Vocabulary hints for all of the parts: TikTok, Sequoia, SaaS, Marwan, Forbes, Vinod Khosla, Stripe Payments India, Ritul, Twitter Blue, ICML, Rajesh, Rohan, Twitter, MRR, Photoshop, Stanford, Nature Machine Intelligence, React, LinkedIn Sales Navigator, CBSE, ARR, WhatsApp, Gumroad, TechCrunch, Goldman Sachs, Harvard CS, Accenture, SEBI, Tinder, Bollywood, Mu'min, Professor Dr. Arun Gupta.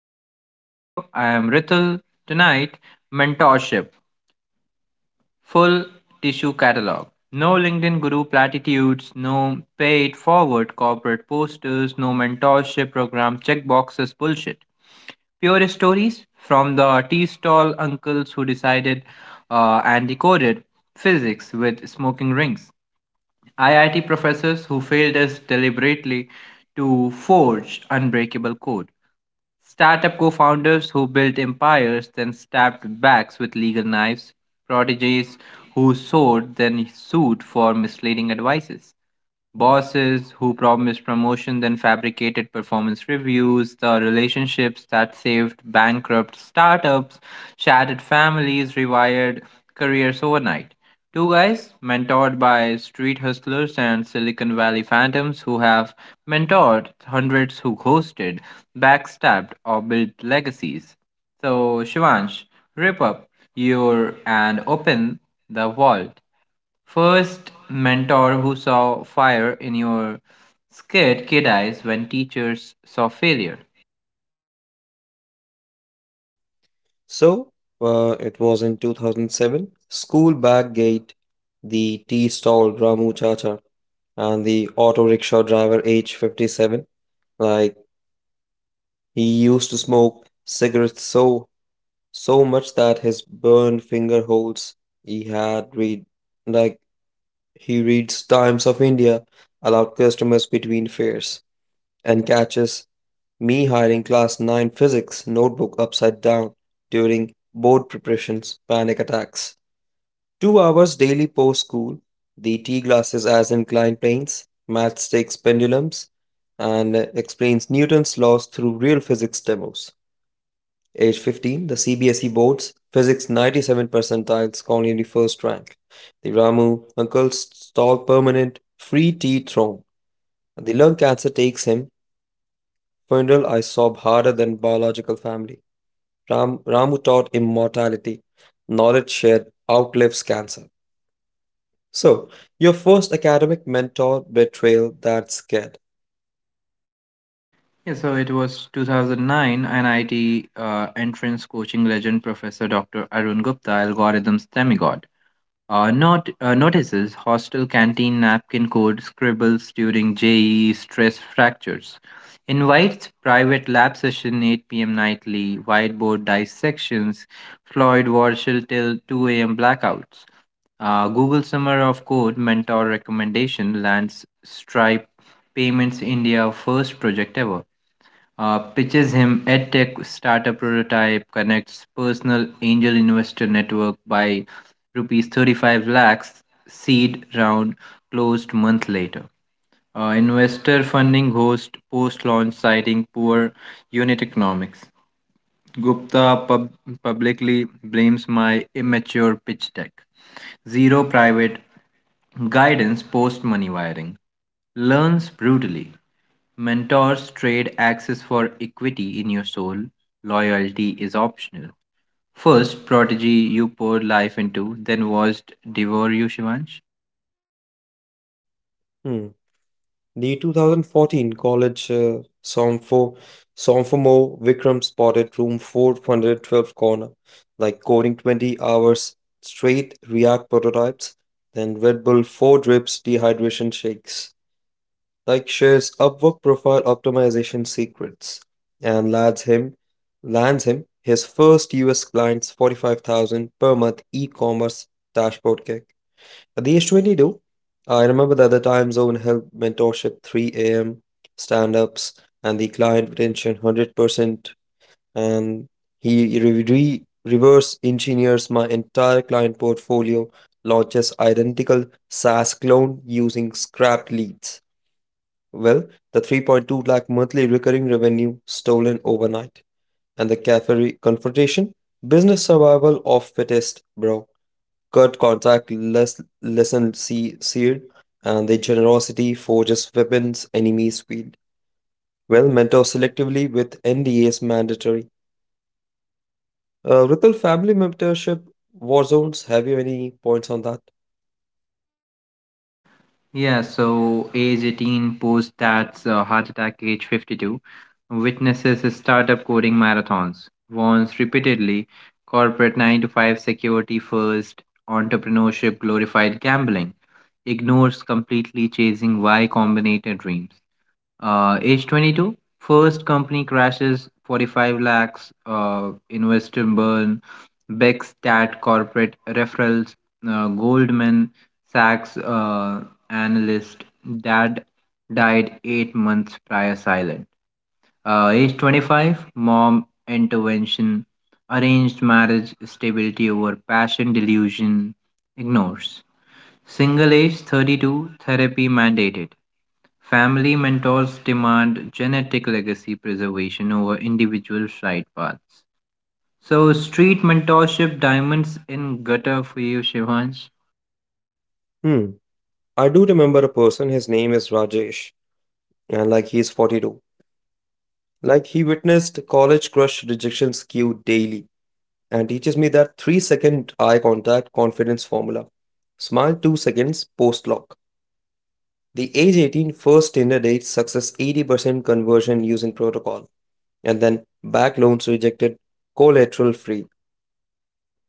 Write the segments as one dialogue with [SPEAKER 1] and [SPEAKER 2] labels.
[SPEAKER 1] to Ritul's studio. I am Ritul. Tonight, mentorship, full tissue catalog. No LinkedIn guru platitudes, no pay it forward corporate posters, no mentorship program checkboxes bullshit. Pure stories from the tea stall uncles who decided, and decoded physics with smoking rings. IIT professors who failed us deliberately to forge unbreakable code. Startup co founders who built empires, then stabbed backs with legal knives, prodigies who soared, then sued for misleading advices, bosses who promised promotion then fabricated performance reviews, the relationships that saved bankrupt startups, shattered families, rewired careers overnight. Two guys mentored by street hustlers and Silicon Valley phantoms who have mentored hundreds who ghosted, backstabbed, or built legacies. So, Shivansh, rip up your and open the vault. First mentor who saw fire in your scared kid eyes when teachers saw failure.
[SPEAKER 2] So it was in 2007. School back gate, the tea stall Ramu Chacha, and the auto rickshaw driver age 57. Like he used to smoke cigarettes so much that his burned finger holes. He had read like he reads Times of India, allowed customers between fares, and catches me hiding class 9 physics notebook upside down during board preparations, panic attacks. 2 hours daily post school, the tea glasses as inclined planes, maths takes pendulums, and explains Newton's laws through real physics demos. Age 15, the CBSE boards, physics 97 percentiles, Corneli first rank. The Ramu uncle stall permanent, free tea throne. The lung cancer takes him, funeral I sob harder than biological family. Ram, Ramu taught immortality, knowledge shared outlives cancer. So, your first academic mentor betrayal that scared.
[SPEAKER 1] Yeah, so it was 2009, NIT entrance coaching legend Professor Dr. Arun Gupta, algorithms demigod. Not notices hostel canteen napkin code scribbles during JE stress fractures. Invites private lab session 8 p.m. nightly whiteboard dissections. Floyd Warshall till 2 a.m. blackouts. Google Summer of Code mentor recommendation lands Stripe Payments India first project ever, pitches him EdTech startup prototype, connects personal angel investor network by rupees 35 lakhs, seed round closed month later. Investor funding host post launch citing poor unit economics. Gupta publicly blames my immature pitch deck, zero private guidance post money wiring, learns brutally. Mentors trade access for equity in your soul. Loyalty is optional. First prodigy you poured life into, then watched devour you, Shivansh.
[SPEAKER 2] Hmm. The 2014 college sophomore Vikram spotted room 412 corner, like coding 20 hours straight React prototypes, then Red Bull 4 drips dehydration shakes. Like shares Upwork profile optimization secrets and lands him his first US client's 45,000 per month e-commerce dashboard kick. At the age 22, I remember that the time zone helped mentorship 3 a.m. stand-ups and the client retention 100%. And he reverse engineers my entire client portfolio, launches identical SaaS clone using scrapped leads. Well, the 3.2 lakh monthly recurring revenue stolen overnight, and the cafe confrontation, business survival of fittest, bro. Cut contact, lesson see seared, and the generosity forges weapons enemies wield. Well, mentor selectively with NDAs mandatory. Ritul family mentorship war zones. Have you any points on that?
[SPEAKER 1] Yeah, so age 18 post that's heart attack age 52 witnesses startup coding marathons, warns repeatedly corporate 9 to 5 security first, entrepreneurship glorified gambling, ignores completely chasing Y combinator dreams. Age 22, first company crashes, 45 lakhs, invest in burn, Beckstat corporate referrals, Goldman Sachs analyst, dad died 8 months prior silent. Age 25, mom intervention, arranged marriage, stability over passion, delusion, ignores. Single age 32, therapy mandated. Family mentors demand genetic legacy preservation over individual side paths. So, street mentorship diamonds in gutter for you, Shivansh.
[SPEAKER 2] Hmm. I do remember a person. His name is Rajesh, and like he is 42. Like he witnessed college crush rejection skew daily and teaches me that 3-second eye contact confidence formula. Smile 2 seconds post lock. The age 18 first Tinder date success 80% conversion using protocol. And then back loans rejected, collateral free.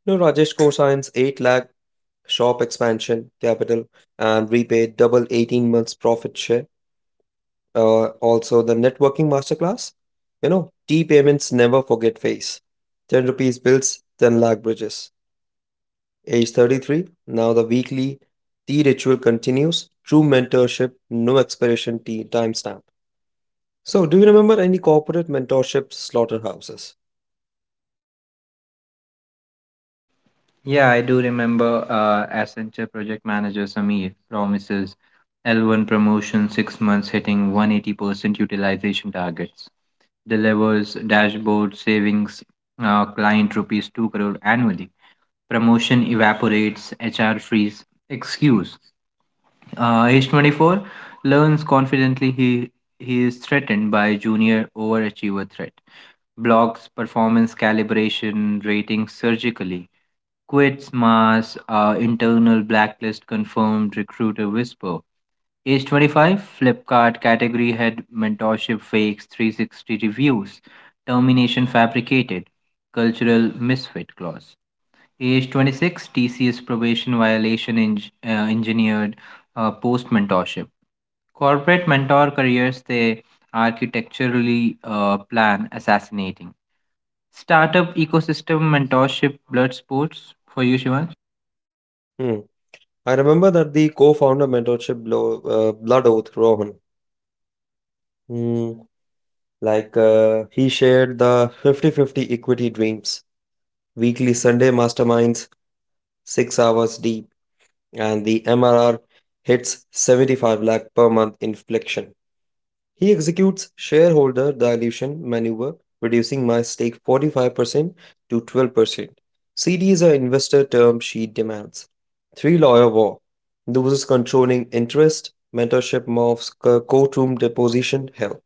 [SPEAKER 2] No Rajesh cosigns 8 lakh shop expansion capital and repaid double 18 months profit share. Also the networking masterclass. You know, T payments never forget face. 10 rupees bills, 10 lakh bridges. Age 33, now the weekly T ritual continues. True mentorship, no expiration T timestamp. So, do you remember any corporate mentorship slaughterhouses?
[SPEAKER 1] Yeah, I do remember Accenture project manager Samir promises L1 promotion 6 months hitting 180% utilization targets, delivers dashboard savings, client rupees 2 crore annually. Promotion evaporates, HR freeze, excuse. Age 24 learns confidently he is threatened by junior overachiever threat. Blocks performance calibration rating surgically. Quits mass, internal blacklist confirmed recruiter whisper. Age 25 Flipkart category head mentorship fakes 360 reviews. Termination fabricated. Cultural misfit clause. Age 26 TCS probation violation engineered post mentorship. Corporate mentor careers, they architecturally plan assassinating. Startup ecosystem mentorship blood sports for you, Shivan.
[SPEAKER 2] Hmm. I remember that the co-founder mentorship blood oath, Rohan. Hmm. Like he shared the 50-50 equity dreams, weekly Sunday masterminds, 6 hours deep. And the MRR hits 75 lakh per month inflection. He executes shareholder dilution maneuver, reducing my stake 45% to 12%. CD is an investor term she demands. Three lawyer war, loses controlling interest, mentorship morphs courtroom deposition hell,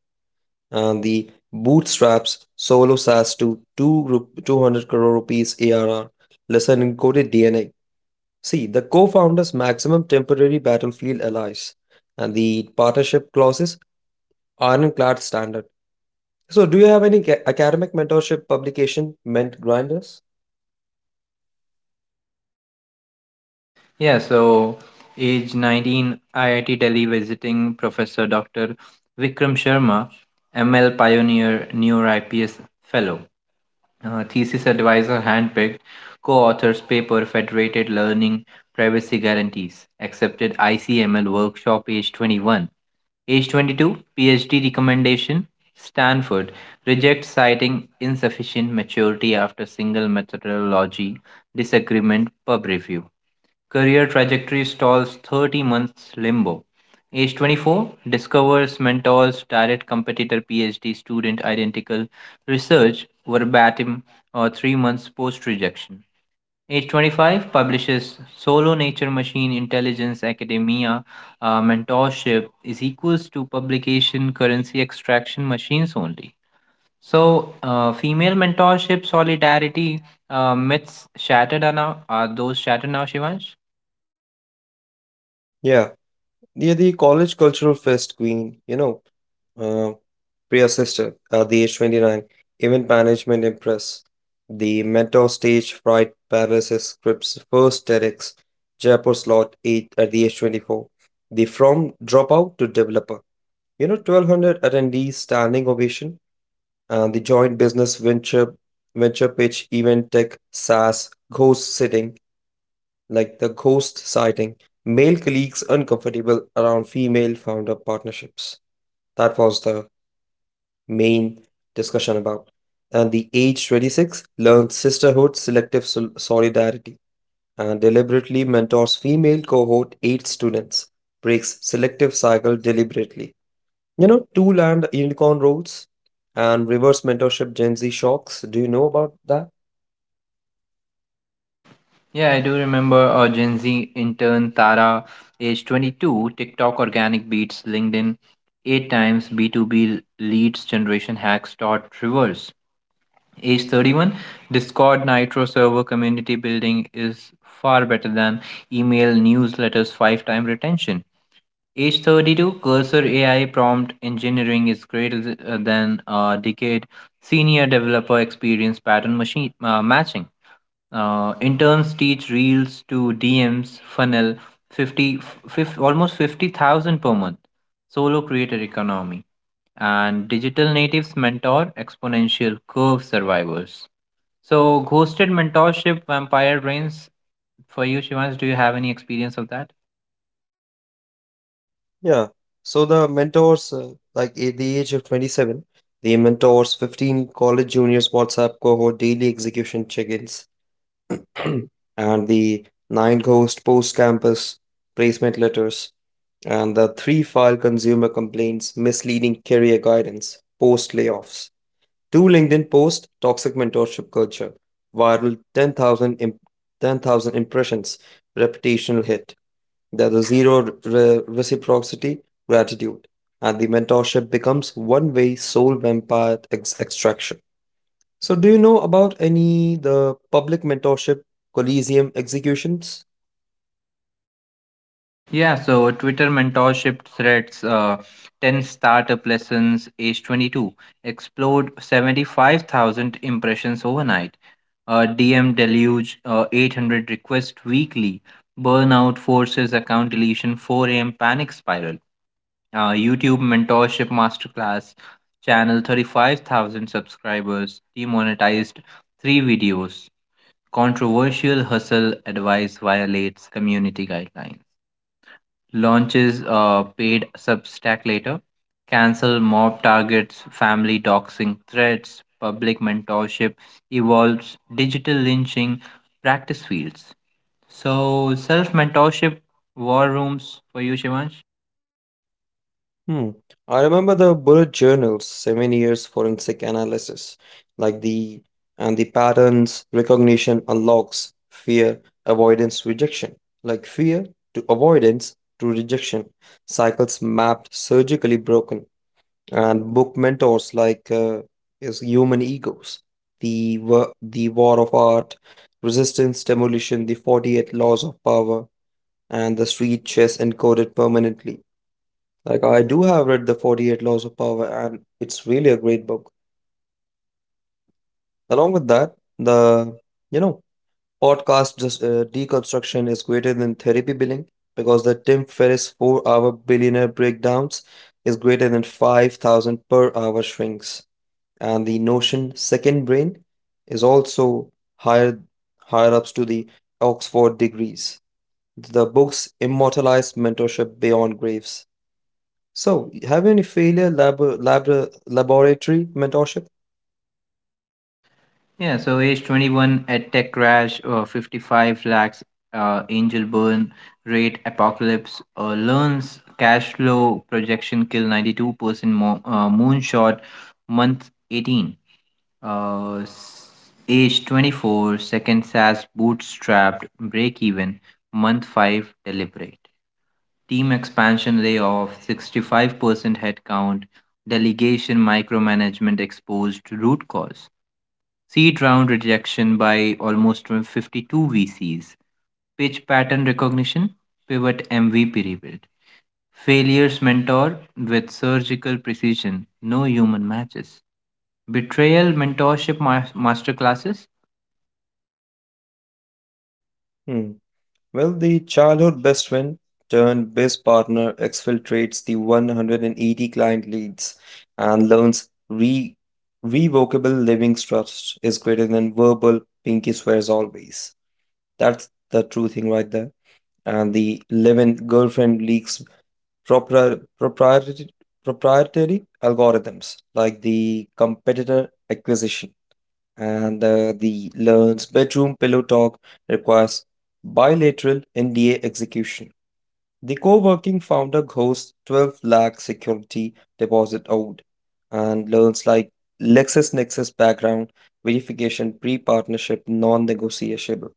[SPEAKER 2] and the bootstraps solo SaaS to 200 crore rupees ARR lesson in coded DNA. See, the co founders' maximum temporary battlefield allies and the partnership clauses ironclad standard. So, do you have any academic mentorship publication meant grinders?
[SPEAKER 1] Yeah, so age 19, IIT Delhi visiting Professor Dr. Vikram Sharma, ML pioneer, neuro IPS fellow. Thesis advisor handpicked, co-authors paper federated learning privacy guarantees, accepted ICML workshop age 21. Age 22, PhD recommendation, Stanford reject citing insufficient maturity after single methodology disagreement pub review. Career trajectory stalls 30 months limbo. Age 24 discovers mentors, direct competitor, PhD student, identical research verbatim or 3 months post rejection. Age 25 publishes Solo Nature Machine Intelligence Academia. Mentorship is equals to publication currency extraction machines only. So, female mentorship solidarity, myths shattered are now. Are those shattered now, Shivansh?
[SPEAKER 2] Yeah, yeah, the college cultural fest queen, uh, Priya sister at the age 29, event management impress, the mentor stage fright paralysis scripts, first TEDx, Jaipur slot 8 at the age 24, the from dropout to developer. 1200 attendees standing ovation, and the joint business venture pitch, event tech, SaaS, ghost sitting, like the ghost sighting, male colleagues uncomfortable around female founder partnerships. That was the main discussion about. And the age 26 learns sisterhood, selective solidarity, and deliberately mentors female cohort 8 students, breaks selective cycle deliberately. Two land unicorn roads and reverse mentorship Gen Z shocks. Do you know about that?
[SPEAKER 1] Yeah, I do remember a Gen Z intern, Tara, age 22, TikTok organic beats, LinkedIn, eight times B2B leads generation hacks dot reverse. Age 31, Discord Nitro server community building is far better than email newsletters five time retention. Age 32, Cursor AI prompt engineering is greater than a decade. Senior developer experience pattern machine, matching. Interns teach reels to DMs funnel 50, fifty, almost 50,000 per month. Solo creator economy and digital natives mentor exponential curve survivors. So ghosted mentorship vampire brains for you, Shivansh. Do you have any experience of that?
[SPEAKER 2] Yeah. So the mentors, like at the age of 27, the mentors 15 college juniors WhatsApp cohort daily execution check-ins and the nine ghost post-campus placement letters and the three file consumer complaints misleading career guidance post-layoffs. Two LinkedIn posts, toxic mentorship culture, viral 10,000 impressions, reputational hit. There's a zero reciprocity, gratitude, and the mentorship becomes one-way soul vampire extraction. So, do you know about any the public mentorship Coliseum executions?
[SPEAKER 1] Yeah, so Twitter mentorship threads, 10 startup lessons, age 22, explode 75,000 impressions overnight, DM deluge, 800 requests weekly, burnout forces account deletion, 4 a.m. panic spiral, YouTube mentorship masterclass, channel 35,000 subscribers, demonetized, 3 videos, controversial hustle advice violates community guidelines. Launches a paid Substack later, cancel mob targets, family doxing threats, public mentorship, evolves digital lynching, practice fields. So self mentorship war rooms for you, Shivansh.
[SPEAKER 2] Hmm. I remember the bullet journals, 7 years forensic analysis, like the and the patterns recognition unlocks fear, avoidance, rejection. Like fear to avoidance to rejection, cycles mapped, surgically broken, and book mentors like is human egos, the war of art, resistance, demolition, the 48 laws of power, and the street chess encoded permanently. Like I do have read the 48 Laws of Power and it's really a great book. Along with that, the you know, podcast just deconstruction is greater than therapy billing because the Tim Ferriss 4-hour billionaire breakdowns is greater than 5,000 per hour shrinks. And the Notion second brain is also higher higher ups to the Oxford degrees. The books immortalize mentorship beyond graves. So, have you any failure laboratory mentorship?
[SPEAKER 1] Yeah, so age 21 at tech crash, 55 lakhs, angel burn rate apocalypse, learns cash flow projection kill 92% moonshot month 18. Age 24, seconds as bootstrapped, break even, month 5, deliberate. Team expansion layoff, 65% headcount, delegation micromanagement exposed root cause. Seed round rejection by almost 52 VCs. Pitch pattern recognition, pivot MVP rebuild. Failures mentor with surgical precision, no human matches. Betrayal mentorship masterclasses.
[SPEAKER 2] Hmm. Well, the childhood best friend turned best partner exfiltrates the 180 client leads and learns re revocable living trust is greater than verbal pinky swears always. That's the true thing right there. And the live-in girlfriend leaks propri proprietary proprietary algorithms like the competitor acquisition and the learns bedroom pillow talk requires bilateral NDA execution. The co-working founder hosts 12 lakh security deposit owed and learns like LexisNexis background verification pre-partnership non-negotiable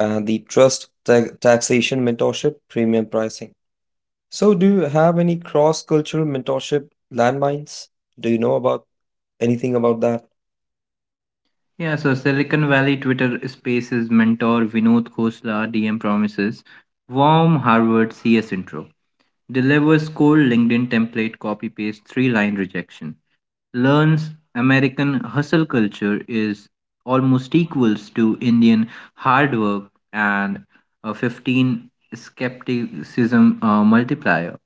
[SPEAKER 2] and the trust taxation mentorship premium pricing. So do you have any cross-cultural mentorship landmines? Do you know about anything about that?
[SPEAKER 1] Yeah, so Silicon Valley Twitter Spaces mentor Vinod Khosla DM promises warm Harvard CS intro, delivers cold LinkedIn template copy paste three line rejection, learns American hustle culture is almost equals to Indian hard work and a 15 skepticism, multiplier.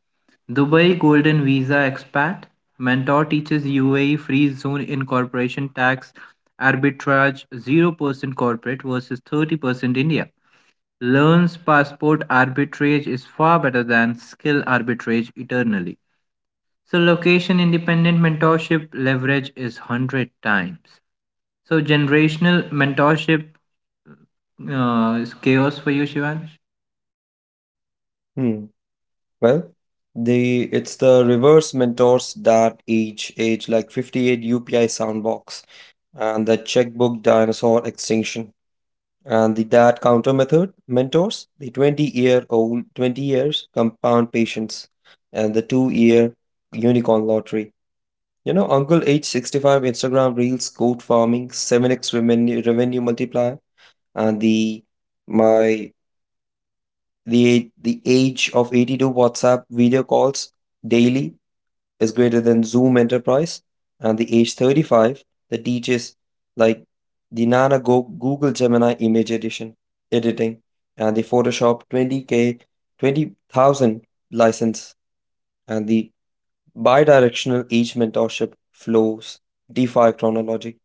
[SPEAKER 1] Dubai Golden Visa Expat Mentor teaches UAE free zone in corporation tax arbitrage 0% corporate versus 30% India. Learns passport arbitrage is far better than skill arbitrage eternally. So location independent mentorship leverage is 100 times. So generational mentorship is chaos for you, Shivansh.
[SPEAKER 2] Hmm. Well, the it's the reverse mentors that age like 58 UPI soundbox and the checkbook dinosaur extinction and the dad counter method mentors the 20-year-old 20 years compound patience and the 2-year unicorn lottery. You know, uncle age 65 Instagram reels goat farming 7x revenue multiplier and the my the age of 82 WhatsApp video calls daily is greater than Zoom Enterprise, and the age 35 that teaches like the Nana Google Gemini image edition editing and the Photoshop 20k 20,000 license and the bidirectional age mentorship flows DeFi chronology.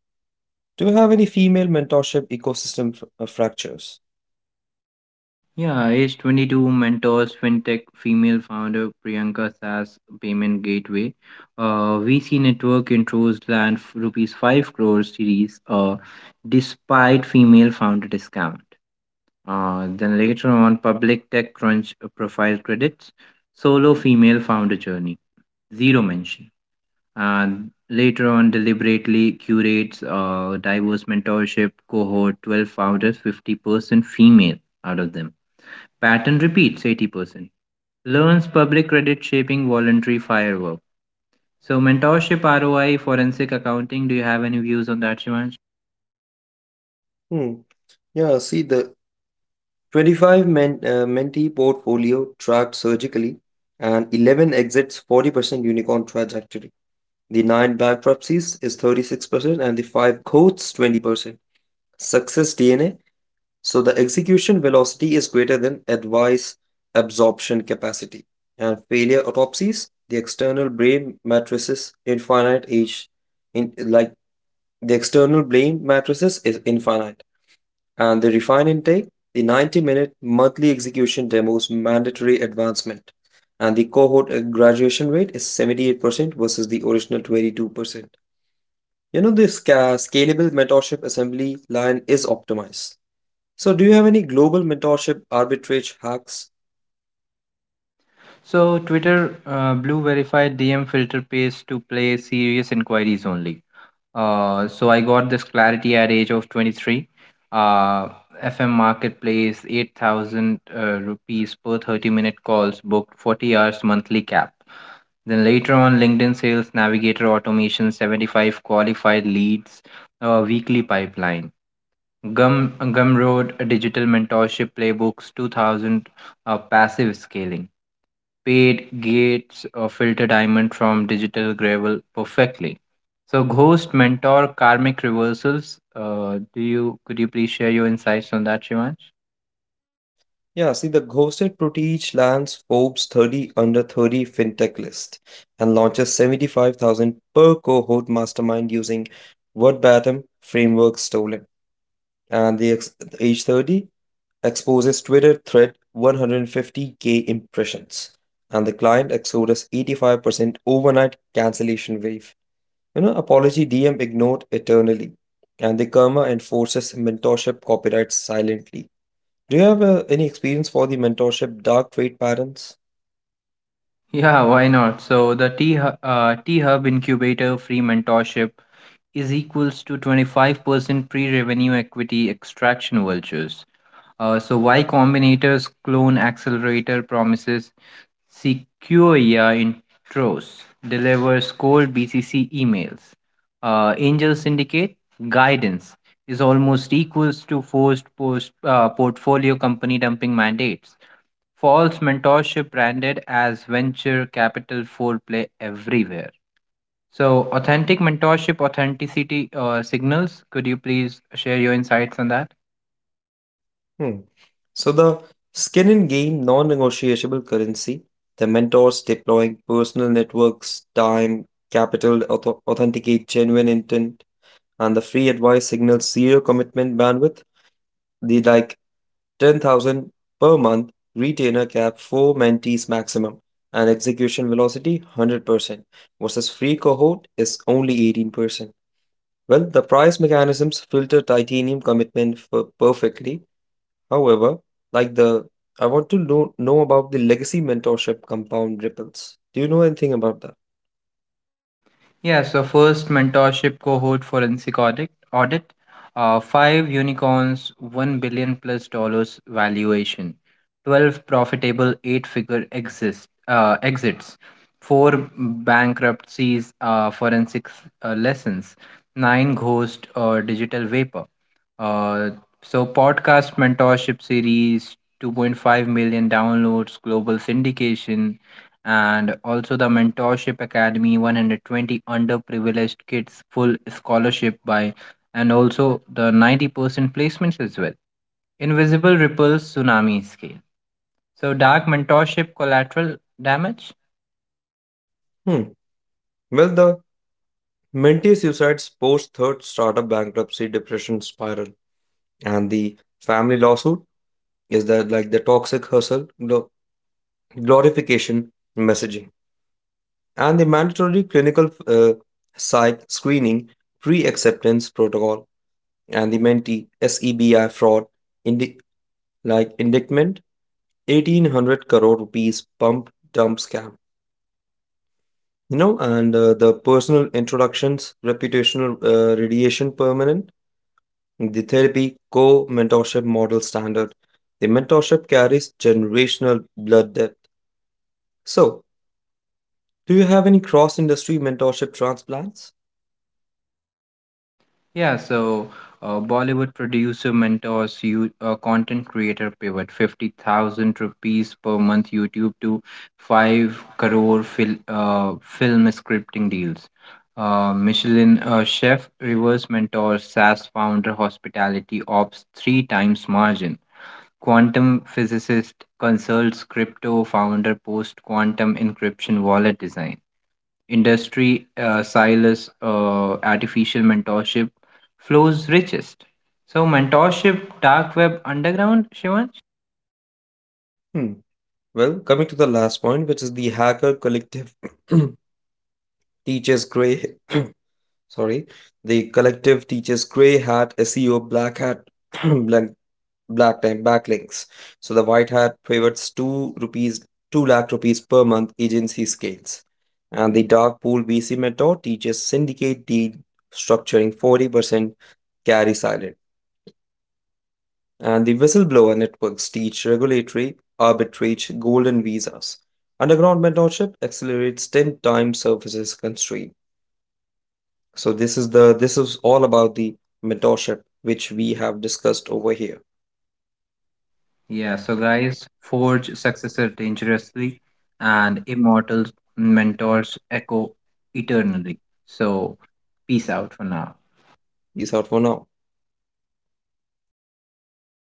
[SPEAKER 2] Do you have any female mentorship ecosystem fractures?
[SPEAKER 1] Yeah, age 22 mentors fintech female founder Priyanka SaaS payment gateway. VC network intros land rupees 5 crore series, despite female founder discount. Then later on, public tech crunch profile credits, solo female founder journey, zero mention. And later on, deliberately curates, diverse mentorship cohort, 12 founders, 50% female out of them. Pattern repeats 80%. Learns public credit shaping voluntary firework. So, mentorship, ROI, forensic accounting. Do you have any views on that, Shivansh?
[SPEAKER 2] Hmm. Yeah, see the 25 men, mentee portfolio tracked surgically and 11 exits 40% unicorn trajectory. The 9 bankruptcies is 36% and the 5 quotes 20%. Success DNA. So the execution velocity is greater than advice absorption capacity. And failure autopsies, the external brain matrices infinite age in like the external brain matrices is infinite and the refined intake, the 90-minute monthly execution demos mandatory advancement, and the cohort graduation rate is 78% versus the original 22%. You know, this scalable mentorship assembly line is optimized. So, do you have any global mentorship arbitrage hacks?
[SPEAKER 1] So, Twitter Blue verified DM filter pays to play serious inquiries only. So I got this clarity at age of 23. Uh, FM marketplace, 8,000 rupees per 30-minute calls, booked 40 hours monthly cap. Then later on, LinkedIn Sales Navigator Automation, 75 qualified leads, weekly pipeline. Gumroad Digital Mentorship Playbooks 2000, Passive Scaling. Paid gates, filter diamond from digital gravel perfectly. So ghost mentor karmic reversals. Do you Could you please share your insights on that, Shivansh?
[SPEAKER 2] Yeah, see the ghosted Proteach lands Forbes 30 under 30 fintech list and launches 75,000 per cohort mastermind using verbatim framework stolen. And the age 30 exposes Twitter thread 150K impressions, and the client exodus 85% overnight cancellation wave. You know, apology DM ignored eternally, and the karma enforces mentorship copyrights silently. Do you have any experience for the mentorship dark trade patterns?
[SPEAKER 1] Yeah, why not? So the T Hub Incubator free mentorship is equals to 25% pre-revenue equity extraction vouchers. So Y Combinator's clone accelerator promises Sequoia intros, delivers cold BCC emails. Angel Syndicate guidance is almost equals to forced post, portfolio company dumping mandates. False mentorship branded as venture capital foreplay everywhere. So, authentic mentorship authenticity, signals. Could you please share your insights on that?
[SPEAKER 2] Hmm. So the skin in game non-negotiable currency, the mentors deploying personal networks, time, capital, authenticate genuine intent, and the free advice signals zero commitment bandwidth. The like 10,000 per month retainer cap 4 mentees maximum and execution velocity 100% versus free cohort is only 18%. Well, the price mechanisms filter titanium commitment for perfectly. However, like the I want to know about the legacy mentorship compound ripples. Do you know anything about that?
[SPEAKER 1] Yeah, so first mentorship cohort forensic audit, five unicorns, 1 billion plus dollars valuation, 12 profitable eight figure exist exits, four bankruptcies, forensic lessons, nine ghost, digital vapor. Uh, so podcast mentorship series 2.5 million downloads global syndication, and also the mentorship academy 120 underprivileged kids full scholarship by, and also the 90% placements as well. Invisible ripples tsunami scale. So dark mentorship collateral damage.
[SPEAKER 2] Hmm. Well, the mentee suicides post third startup bankruptcy depression spiral and the family lawsuit is that like the toxic hustle glorification messaging and the mandatory clinical psych screening pre-acceptance protocol and the mentee SEBI fraud in the like indictment 1800 crore rupees pump dump scam, and the personal introductions reputational radiation permanent, the therapy co mentorship model standard, the mentorship carries generational blood debt. So, do you have any cross industry mentorship transplants?
[SPEAKER 1] Yeah, so Bollywood producer mentors you, content creator pivot 50,000 rupees per month YouTube to 5 crore film scripting deals. Michelin chef reverse mentors SaaS founder hospitality ops three times margin. Quantum physicist consults crypto founder post quantum encryption wallet design industry, Silas, artificial mentorship flows richest. So, mentorship, dark web, underground, Shivan?
[SPEAKER 2] Hmm. Well, coming to the last point which is the hacker collective teaches gray, sorry, the collective teaches gray hat SEO black hat black. Black time backlinks. So the white hat favors 2 lakh rupees per month agency scales. And the dark pool VC method teaches syndicate deal structuring 40% carry silent. And the whistleblower networks teach regulatory arbitrage golden visas. Underground mentorship accelerates 10 times services constraint. So this is all about the mentorship which we have discussed over here.
[SPEAKER 1] Yeah, so guys, forge successor dangerously, and immortal mentors echo eternally. So, peace out for now.
[SPEAKER 2] These are for now.